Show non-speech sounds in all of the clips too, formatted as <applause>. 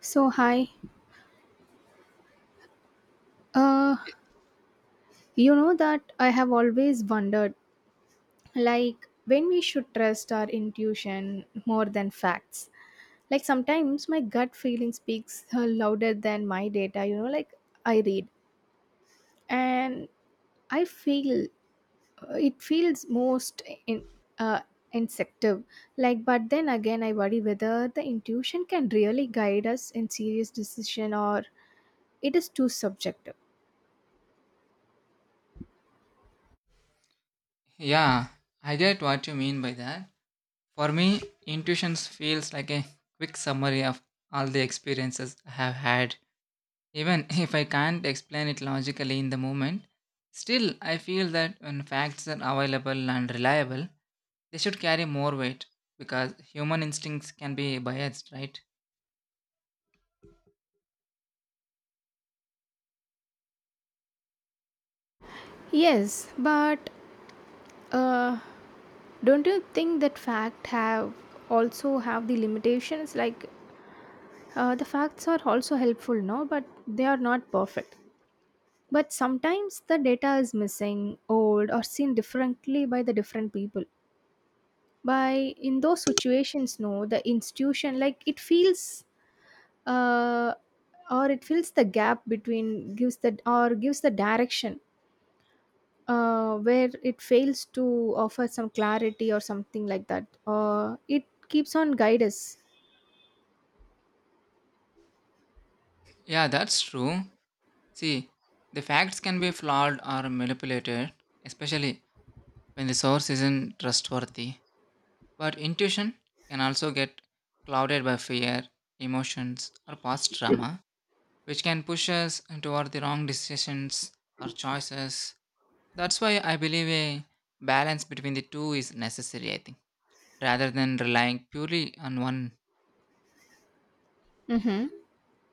So, hi. Uh, you know that I have always wondered like when we should trust our intuition more than facts. Like sometimes my gut feeling speaks louder than my data, you know, like I read and I feel it feels most in uh instinctive, like but then again I worry whether the intuition can really guide us in serious decision or it is too subjective. Yeah, I get what you mean by that. For me, intuitions feels like a quick summary of all the experiences I have had. Even <laughs> if I can't explain it logically in the moment, still I feel that when facts are available and reliable, they should carry more weight because human instincts can be biased, right? Yes, but uh, don't you think that fact have also have the limitations, like the facts are also helpful no but they are not perfect, but sometimes the data is missing old or seen differently by the different people by in those situations no the institution like it feels uh, or it fills the gap between gives the or gives the direction where it fails to offer some clarity or something like that, it keeps on guide us. Yeah, that's true. See, the facts can be flawed or manipulated, especially when the source isn't trustworthy. But intuition can also get clouded by fear, emotions, or past trauma, which can push us toward the wrong decisions or choices. That's why I believe a balance between the two is necessary, I think, rather than relying purely on one. Mm-hmm.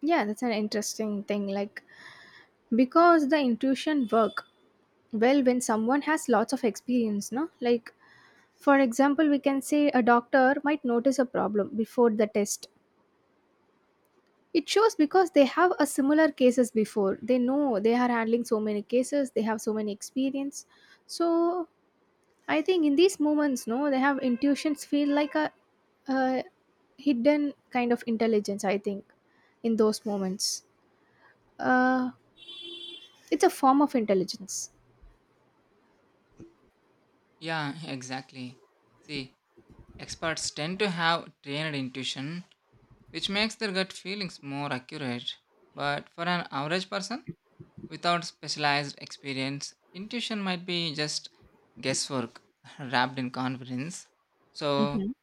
Yeah, that's an interesting thing. Like because the intuition work well when someone has lots of experience, no? Like for example, we can say a doctor might notice a problem before the test. It shows because they have a similar cases before. They know they are handling so many cases, they have so many experience. So I think in these moments, no, they have intuitions feel like a hidden kind of intelligence, I think, in those moments. Uh It's a form of intelligence. Yeah, <laughs> exactly. See, experts tend to have trained intuition, which makes their gut feelings more accurate. But for an average person, without specialized experience, intuition might be just guesswork <laughs> wrapped in confidence. So Mhm.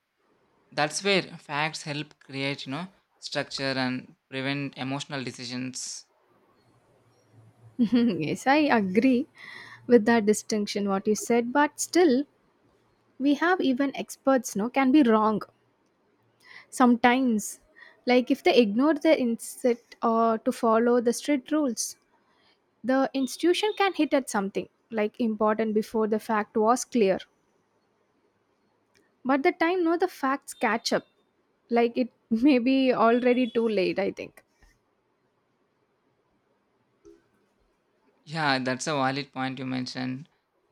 that's where facts help create, you know, structure and prevent emotional decisions. <laughs> Yes, I agree with that distinction what you said, but still we have even experts no can be wrong sometimes. Like if they ignore the insect or to follow the strict rules, the institution can hit at something like important before the fact was clear. But the time no the facts catch up. Like it <laughs> may be already too late, I think. Yeah, that's a valid point you mentioned.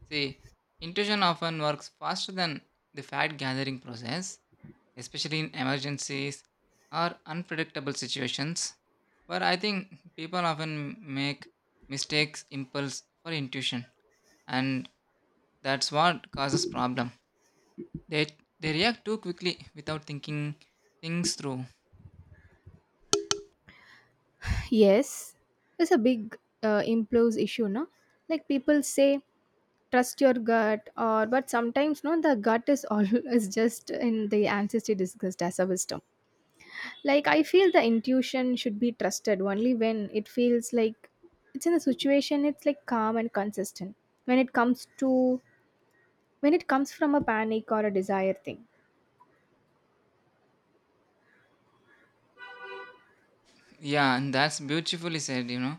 See, intuition often works faster than the fact gathering process, especially in emergencies or unpredictable situations. But I think people often make mistakes impulse for intuition, and that's what causes problem. They they react too quickly without thinking things through. Yes, it's a big impulse issue, no? Like people say, trust your gut, or but sometimes, no, the gut is always <laughs> just in the ancestry discussed as a wisdom. Like I feel the intuition should be trusted only when it feels like it's in a situation it's like calm and consistent. When it comes to when it comes from a panic or a desire thing. Yeah, and that's beautifully said, you know.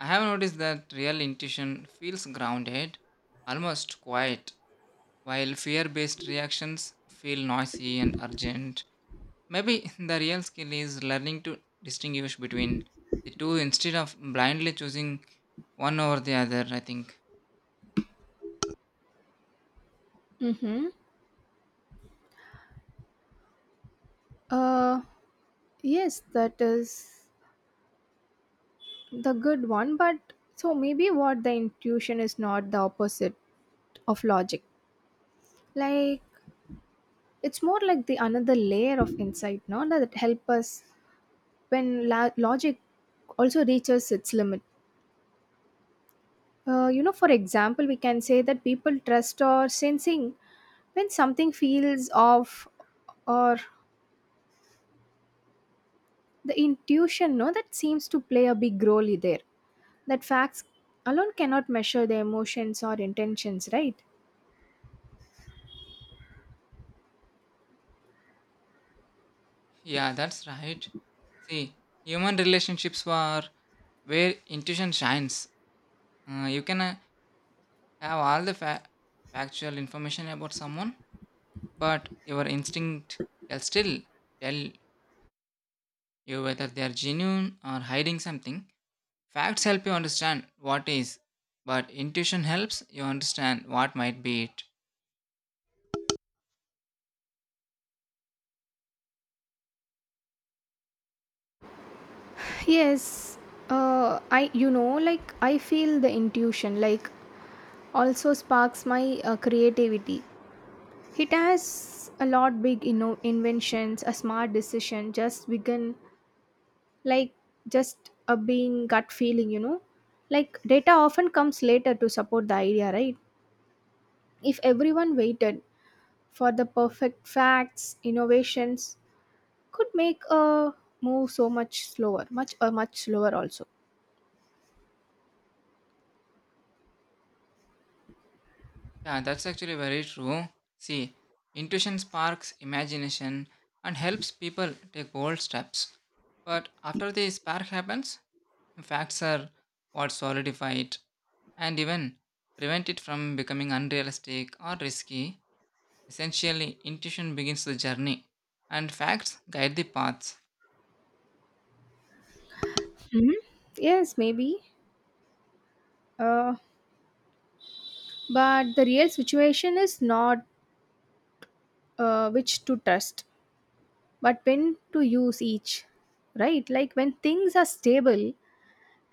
I have noticed that real intuition feels grounded, almost quiet, while fear-based reactions feel noisy and urgent. Maybe the real skill is learning to distinguish between the two instead of blindly choosing one over the other, I think. Mm-hmm. Uh, yes, that is. The good one, but so maybe what the intuition is not the opposite of logic, like it's more like the another layer of insight no that help us when logic also reaches its limit. You know, for example we can say that people trust or sensing when something feels off, or the intuition no that seems to play a big role there, that facts alone cannot measure the emotions or intentions, right? Yeah, that's right. See, human relationships are where intuition shines. You can have all the factual information about someone, but your instinct can still tell you whether they are genuine or hiding something. Facts help you understand what is, but intuition helps you understand what might be it. Yes, I, you know, like I feel the intuition like also sparks my creativity. It has a lot big you know inventions, a smart decision just begin like just a being gut feeling, you know. Like data often comes later to support the idea, right? If everyone waited for the perfect facts, innovations could make a move so much slower, much or much slower also. Yeah, that's actually very true. See, intuition sparks imagination and helps people take bold steps. But after the spark happens, facts are what solidify it and even prevent it from becoming unrealistic or risky. Essentially, intuition begins the journey and facts guide the paths. Hmm. Yes, maybe. Uh, but the real situation is not which to trust, but when to use each, right? Like when things are stable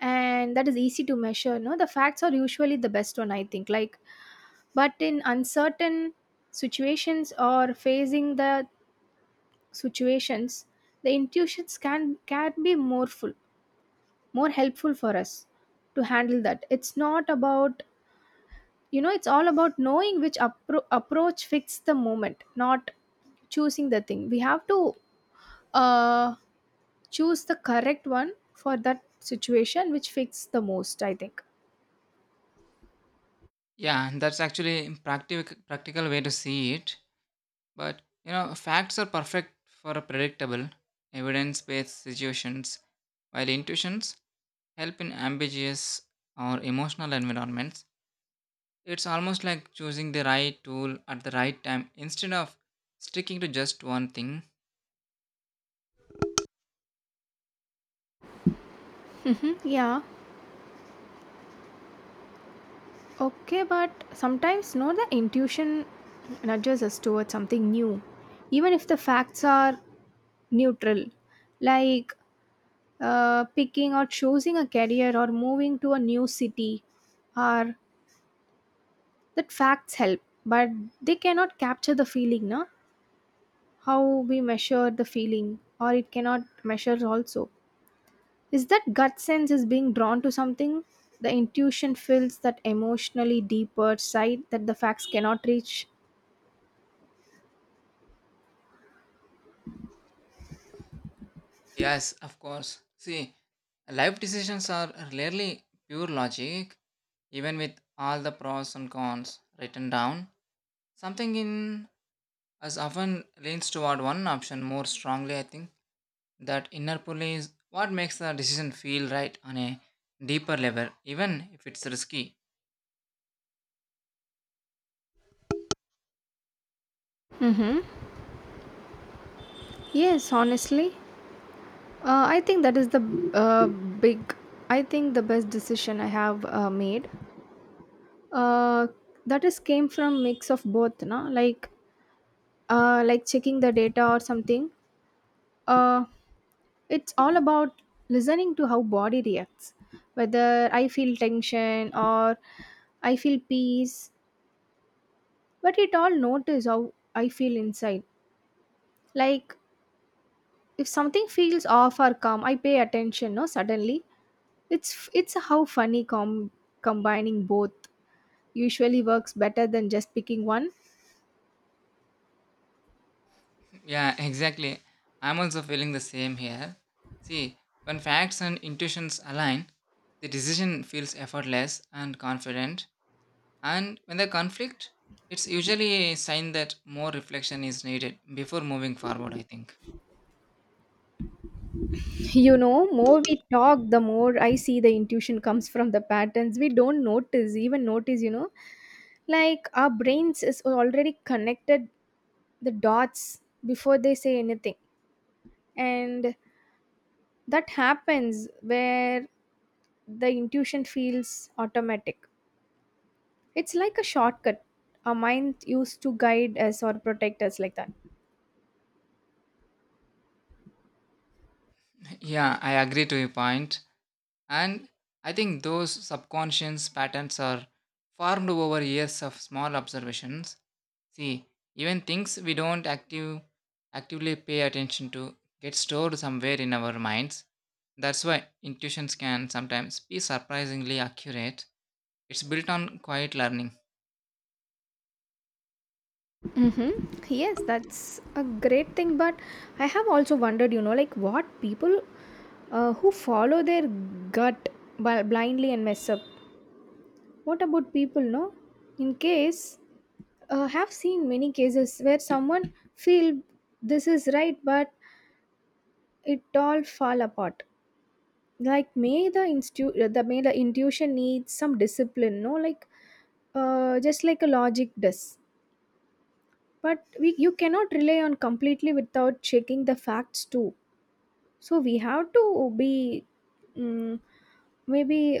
and that is easy to measure, no, the facts are usually the best one, I think. Like, but in uncertain situations or facing the situations, the intuitions can be more full, more helpful for us to handle that. It's not about, you know, it's all about knowing which approach fits the moment, not choosing the thing. We have to uh, choose the correct one for that situation which fits the most, I think. Yeah, and that's actually practical way to see it. But you know, facts are perfect for a predictable, evidence-based situations, while intuitions help in ambiguous or emotional environments. It's almost like choosing the right tool at the right time instead of sticking to just one thing. Hmm, yeah. Okay, but sometimes no, the intuition nudges us towards something new, even if the facts are neutral, like picking or choosing a career or moving to a new city, or that facts help but they cannot capture the feeling no how we measure the feeling or it cannot measure also, is that gut sense is being drawn to something, the intuition fills that emotionally deeper side that the facts cannot reach. Yes, of course. See, life decisions are rarely pure logic, even with all the pros and cons written down. Something in us often leans toward one option more strongly, I think. That inner pull is what makes the decision feel right on a deeper level, even if it's risky. Mm-hmm. Yes, honestly, I think that is the uh, big, I think the best decision I have made, uh, that is came from mix of both no, like like checking the data or something, uh, it's all about listening to how body reacts, whether I feel tension or I feel peace, but it all notice how I feel inside, like if something feels off or calm I pay attention no suddenly, it's how funny combining both usually works better than just picking one. Yeah, exactly. I'm also feeling the same here. See, when facts and intuitions align, the decision feels effortless and confident. And when the conflict, it's usually a sign that more reflection is needed before moving forward, I think. You know more we talk the more I see the intuition comes from the patterns we don't notice even notice, you know, like our brains is already connected the dots before they say anything, and that happens where the intuition feels automatic, it's like a shortcut our mind used to guide us or protect us like that. Yeah, I agree to your point. And I think those subconscious patterns are formed over years of small observations. See, even things we don't actively pay attention to get stored somewhere in our minds. That's why intuitions can sometimes be surprisingly accurate. It's built on quiet learning. Mm-hmm. Yes, that's a great thing. But I have also wondered, you know, like what people who follow their gut blindly and mess up. What about people, no? In case, have seen many cases where someone feel this is right, but it all fall apart, like may the institute the may the intuition needs some discipline no, like just like a logic does, but we you cannot rely on completely without checking the facts too, so we have to be, mm, maybe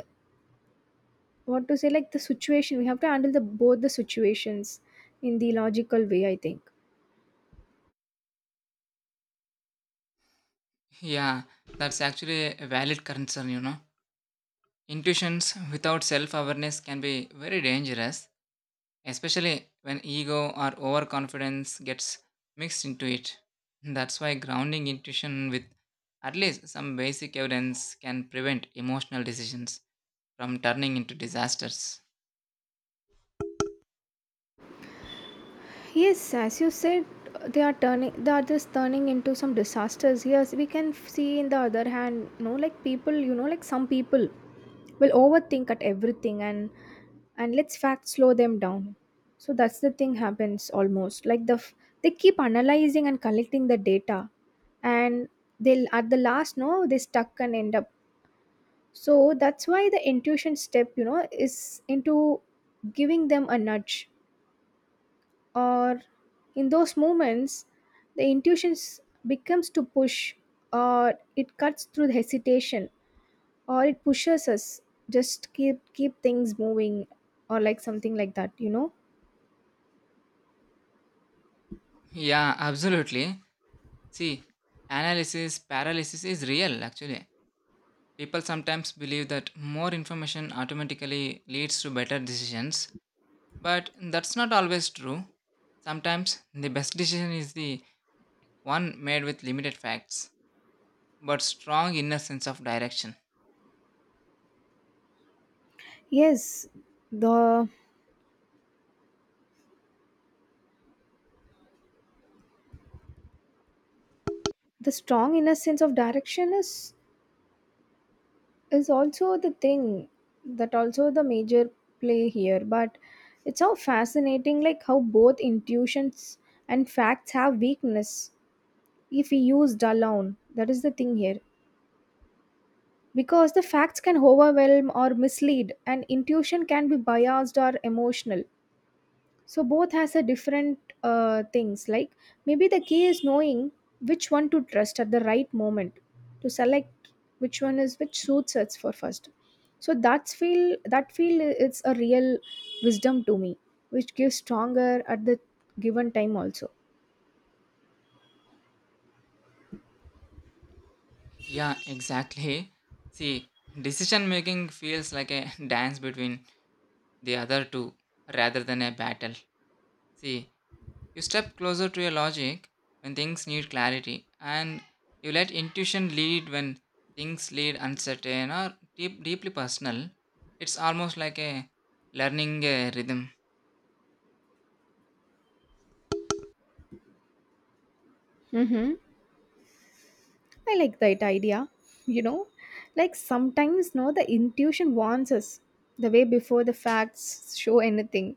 what to say like the situation we have to handle the both the situations in the logical way, I think. Yeah, that's actually a valid concern, you know. Intuitions without self awareness can be very dangerous, especially when ego or overconfidence gets mixed into it. That's why grounding intuition with at least some basic evidence can prevent emotional decisions from turning into disasters. Yes, as you said, they are turning the others turning into some disasters. Yes, we can see in the other hand, you know, like people, you know, like some people will overthink at everything and let's fact slow them down. So that's the thing happens almost like the they keep analyzing and collecting the data, and they'll at the last no they stuck and end up. So that's why the intuition step, you know, is into giving them a nudge or in those moments the intuition becomes to push or it cuts through the hesitation or it pushes us just keep things moving or like something like that, you know. Yeah, absolutely. See, analysis paralysis is real actually. People sometimes believe that more information automatically leads to better decisions, but that's not always true. Sometimes the best decision is the one made with limited facts, but strong inner sense of direction. Yes, the the strong inner sense of direction is also the thing that also the major play here, but it's so fascinating like how both intuitions and facts have weakness if we used alone, that is the thing here, because the facts can overwhelm or mislead and intuition can be biased or emotional, so both has a different things like maybe the key is knowing which one to trust at the right moment, to select which one is which suits us for first, so that's feel that feel it's a real wisdom to me, which gives stronger at the given time also. Yeah, exactly. <laughs> See, decision making feels like a dance between the other two rather than a battle. See, you step closer to your logic when things need clarity, and you let intuition lead when things lead uncertain or deeply personal. It's almost like a learning a rhythm. Mm-hmm. I like that idea. You know, like sometimes no, the intuition warns us the way before the facts show anything.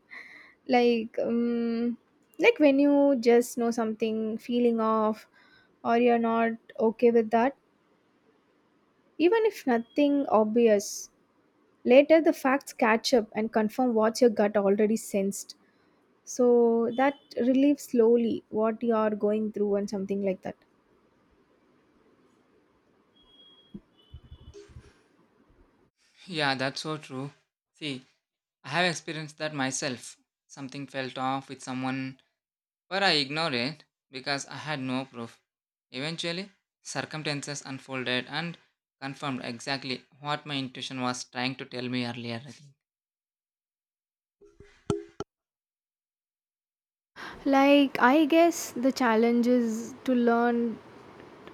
Like, um, like when you just know something, feeling off, or you're not okay with that, even if nothing obvious. Later, the facts catch up and confirm what your gut already sensed. So that relieves slowly what you are going through and something like that. Yeah, that's so true. See, I have experienced that myself. Something felt off with someone, but I ignored it because I had no proof. Eventually, circumstances unfolded and confirmed exactly what my intuition was trying to tell me earlier, I think. Like, I guess the challenge is to learn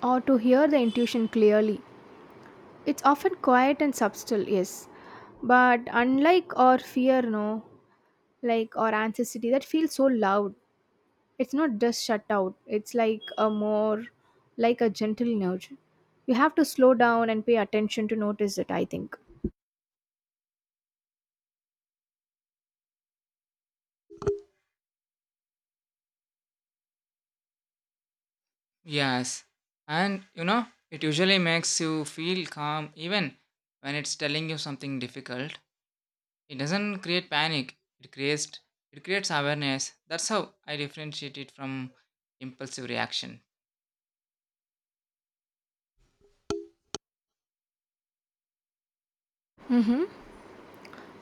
or to hear the intuition clearly. It's often quiet and subtle, yes, but unlike our fear, no, like our anxiety that feels so loud, it's not just shut out, it's like a more like a gentle nudge. You have to slow down and pay attention to notice it, I think. Yes, and you know, it usually makes you feel calm even when it's telling you something difficult. It doesn't create panic, it creates awareness. That's how I differentiate it from impulsive reaction.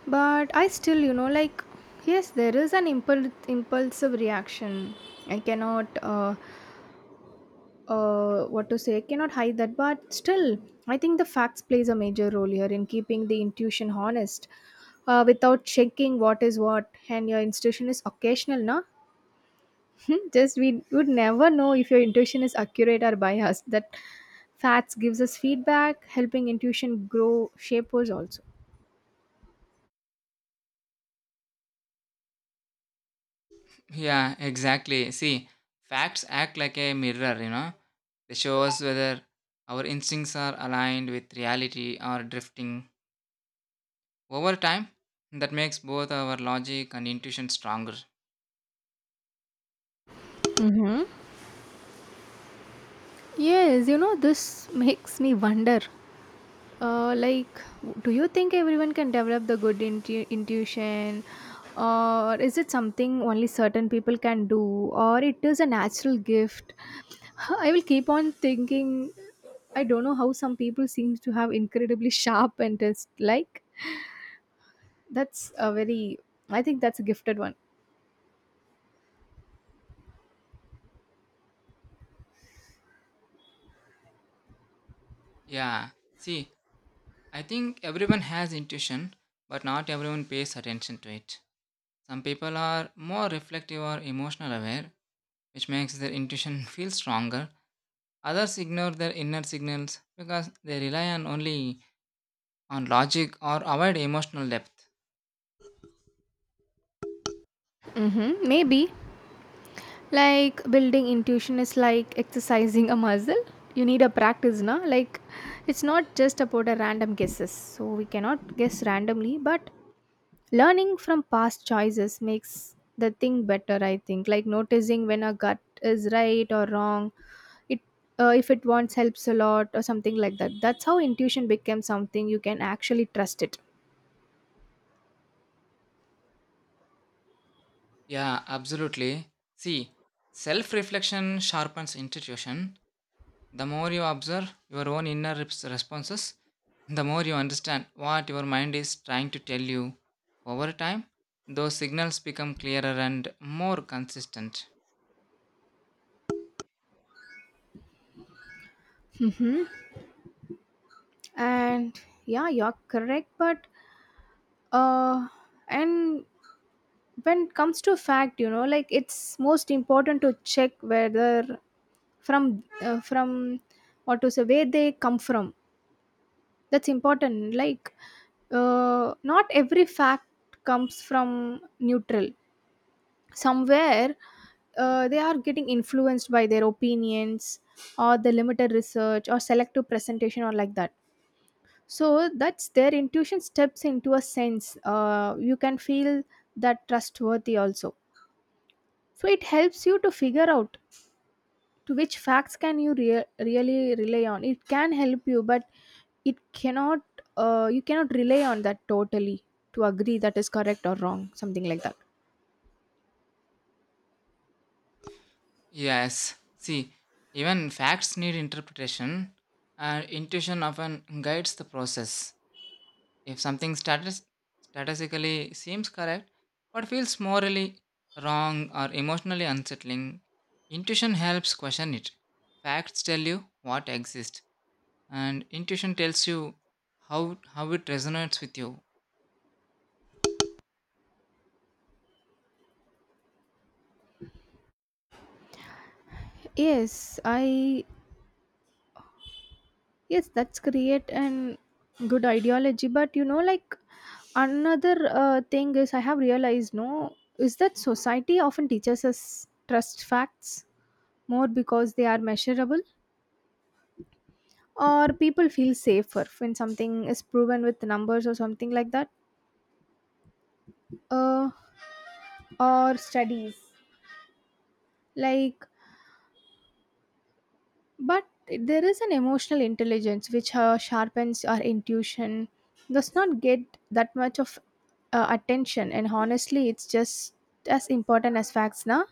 But I still, you know, like, yes, there is an impulsive reaction. I cannot what to say cannot hide that, but still I think the facts plays a major role here in keeping the intuition honest, without checking what is what and your intuition is occasional no, <laughs> just we would never know if your intuition is accurate or biased, that facts gives us feedback helping intuition grow shapers also. Yeah, exactly. See, facts act like a mirror, you know. They show us whether our instincts are aligned with reality or drifting. Over time, that makes both our logic and intuition stronger. Mm-hmm. Yes, you know this makes me wonder. Like, do you think everyone can develop the good intuition, or is it something only certain people can do, or it is a natural gift? <laughs> I will keep on thinking. I don't know how some people seem to have incredibly sharp and just like that's a very. I think that's a gifted one. Yeah, see, I think everyone has intuition, but not everyone pays attention to it. Some people are more reflective or emotional aware, which makes their intuition <laughs> feel stronger. Others ignore their inner signals because they rely on only on logic or avoid emotional depth. Mm-hmm, maybe. Like building intuition is like exercising a muscle. You need a practice, na? Like it's not just about a random guesses. So we cannot guess randomly, but learning from past choices makes the thing better. I think like noticing when a gut is right or wrong. It if it wants helps a lot or something like that. That's how intuition becomes something you can actually trust it. Yeah, absolutely. See, self reflection sharpens intuition. The more you observe your own inner responses, the more you understand what your mind is trying to tell you. Over time, those signals become clearer and more consistent. And yeah, you're correct, but uh and when it comes to fact you know like it's most important to check whether from what to say where they come from. That's important. Like, not every fact comes from neutral somewhere. They are getting influenced by their opinions or the limited research or selective presentation or like that. So that's their intuition steps into a sense. You can feel that trustworthy also, so it helps you to figure out to which facts can you really rely on. It can help you, but it cannot. You cannot rely on that totally to agree that is correct or wrong something like that. Yes, see, even facts need interpretation, and intuition often guides the process. If something statistically seems correct but feels morally wrong or emotionally unsettling, intuition helps question it. Facts tell you what exists, and intuition tells you how it resonates with you. Yes i Yes, that's create an good ideology, but you know like another thing is I have realized no is that society often teaches us trust facts more because they are measurable. Or people feel safer when something is proven with numbers or something like that, uh, or studies. Like, but there is an emotional intelligence which sharpens our intuition. Does not get that much of attention, and honestly, it's just as important as facts, na?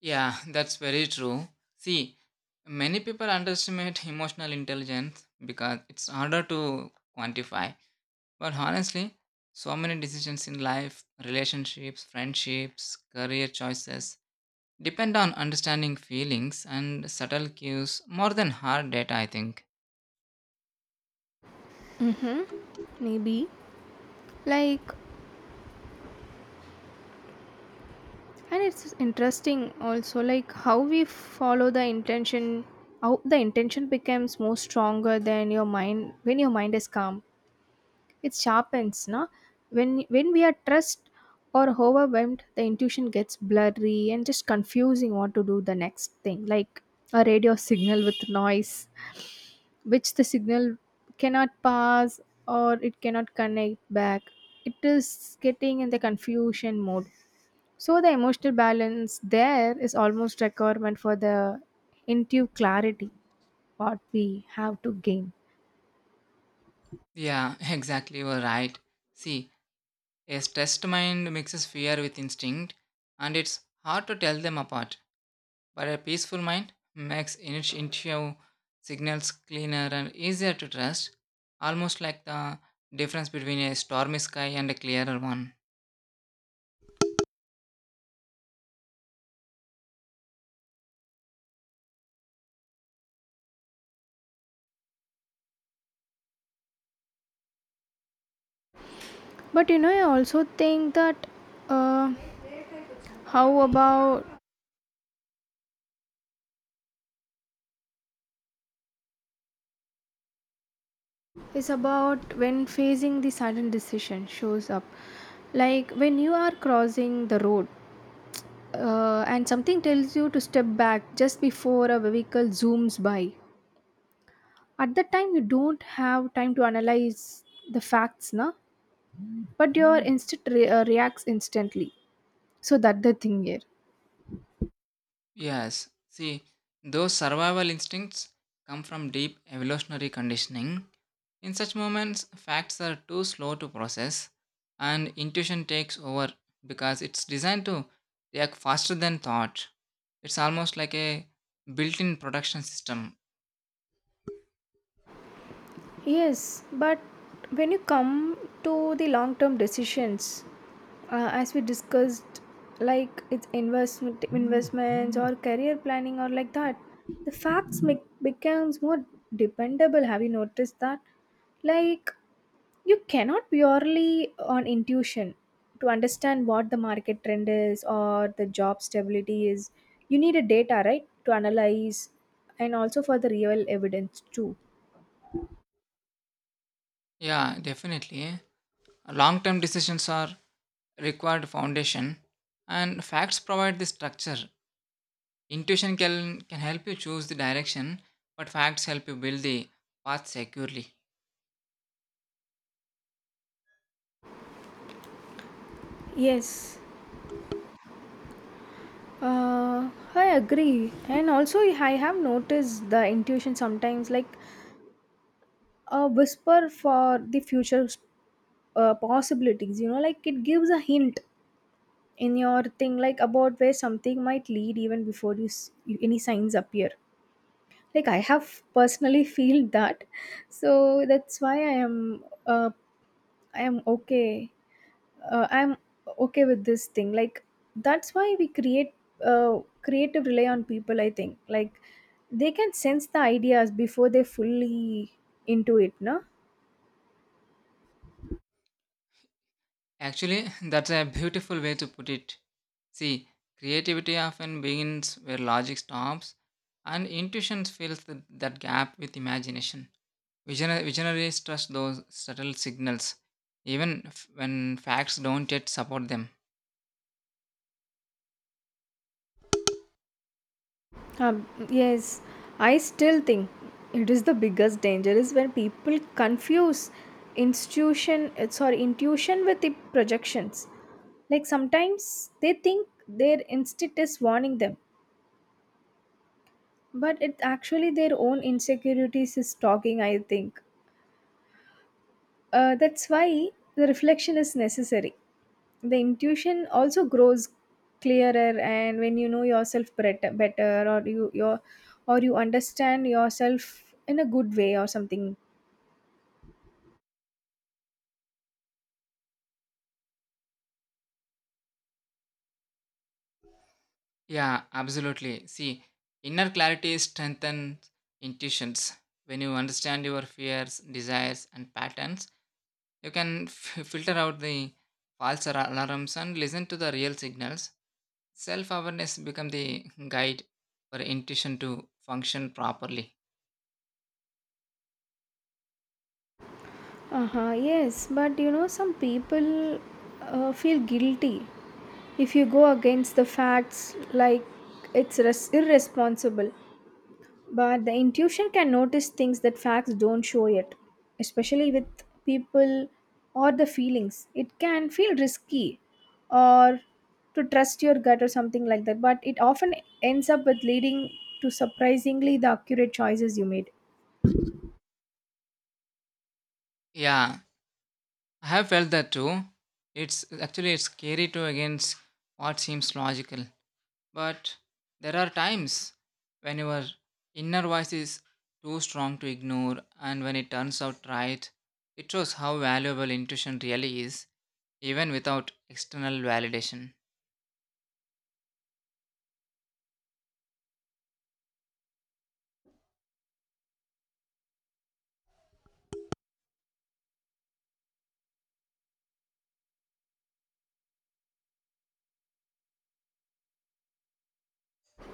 Yeah, <laughs> that's very true. See, many people underestimate emotional intelligence because it's harder to quantify. But honestly, so many decisions in life, relationships, friendships, career choices, depend on understanding feelings and subtle cues more than hard data, I think. Maybe, like, and it's interesting also like how we follow the intention. How the intention becomes more stronger than your mind when your mind is calm. It sharpens, na? When we are stressed or overwhelmed, the intuition gets blurry and just confusing what to do the next thing. Like a radio signal with noise, which the signal cannot pass or it cannot connect back. It is getting in the confusion mode. So the emotional balance there is almost requirement for the intuitive clarity what we have to gain. Yeah, <laughs> exactly, you're right. See, a stressed mind mixes fear with instinct, and it's hard to tell them apart. But a peaceful mind makes intuitive signals cleaner and easier to trust, almost like the difference between a stormy sky and a clearer one. But you know, I also think that uh, how about is about when facing the sudden decision shows up. Like when you are crossing the road and something tells you to step back just before a vehicle zooms by. At that time, you don't have time to analyze the facts, na? But your instinct reacts instantly. So that the thing here. Yes, see, those survival instincts come from deep evolutionary conditioning. In such moments, facts are too slow to process, and intuition takes over because it's designed to react faster than thought. It's almost like a built in production system. Yes, but when you come to the long term decisions, as we discussed, like it's investments or career planning or like that, the facts make, becomes more dependable. Have you noticed that? Like you cannot purely on intuition to understand what the market trend is or the job stability is. You need a data, right, to analyze, and also for the real evidence too. Yeah, definitely. Long term decisions are required foundation, and facts provide the structure. Intuition can help you choose the direction, but facts help you build the path securely. Yes, I agree. And also, I have noticed the intuition sometimes like a whisper for the future possibilities, you know, like it gives a hint in your thing, like about where something might lead even before any signs appear. Like I have personally <laughs> feel that. So that's why I am okay. I'm okay with this thing, like that's why we create creative rely on people, I think, like they can sense the ideas before they fully into it, no? Actually, <laughs> that's a beautiful way to put it. See, creativity often begins where logic stops, and intuition fills that gap with imagination. Visionaries trust those subtle signals, even when facts don't yet support them. Yes, I still think it is the biggest danger is when people confuse institution sorry intuition with the projections. Like sometimes they think their instinct is warning them, but it's actually their own insecurities is talking. I think that's why the reflection is necessary. The intuition also grows clearer and when you know yourself better, or you your or you understand yourself in a good way or something. Yeah, absolutely. See, inner clarity strengthens intuitions. When you understand your fears, desires, and patterns, you can filter out the false alarms and listen to the real signals. Self awareness becomes the guide for intuition to function properly. Uh-huh, yes, but you know some people feel guilty if you go against the facts, like it's irresponsible. But the intuition can notice things that facts don't show yet, especially with people or the feelings. It can feel risky or to trust your gut or something like that, but it often ends up with leading to surprisingly the accurate choices you made. Yeah, I have felt that too. It's actually it's scary to against what seems logical. But there are times when your inner voice is too strong to ignore, and when it turns out right, it shows how valuable intuition really is, even without external validation.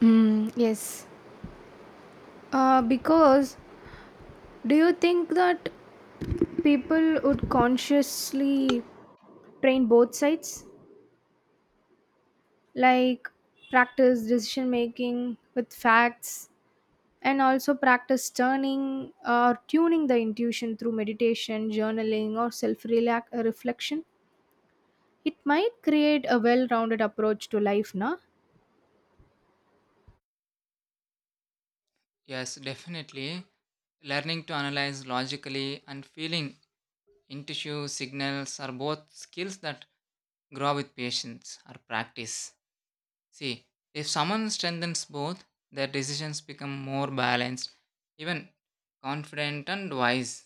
Mm, yes. Because do you think that people would consciously train both sides? Like practice decision making with facts and also practice turning or tuning the intuition through meditation journaling or self reflection, it might create a well rounded approach to life, na? Yes, definitely. Learning to analyze logically and feeling intuitive signals are both skills that grow with patience or practice. See, if someone strengthens both, their decisions become more balanced, even confident and wise.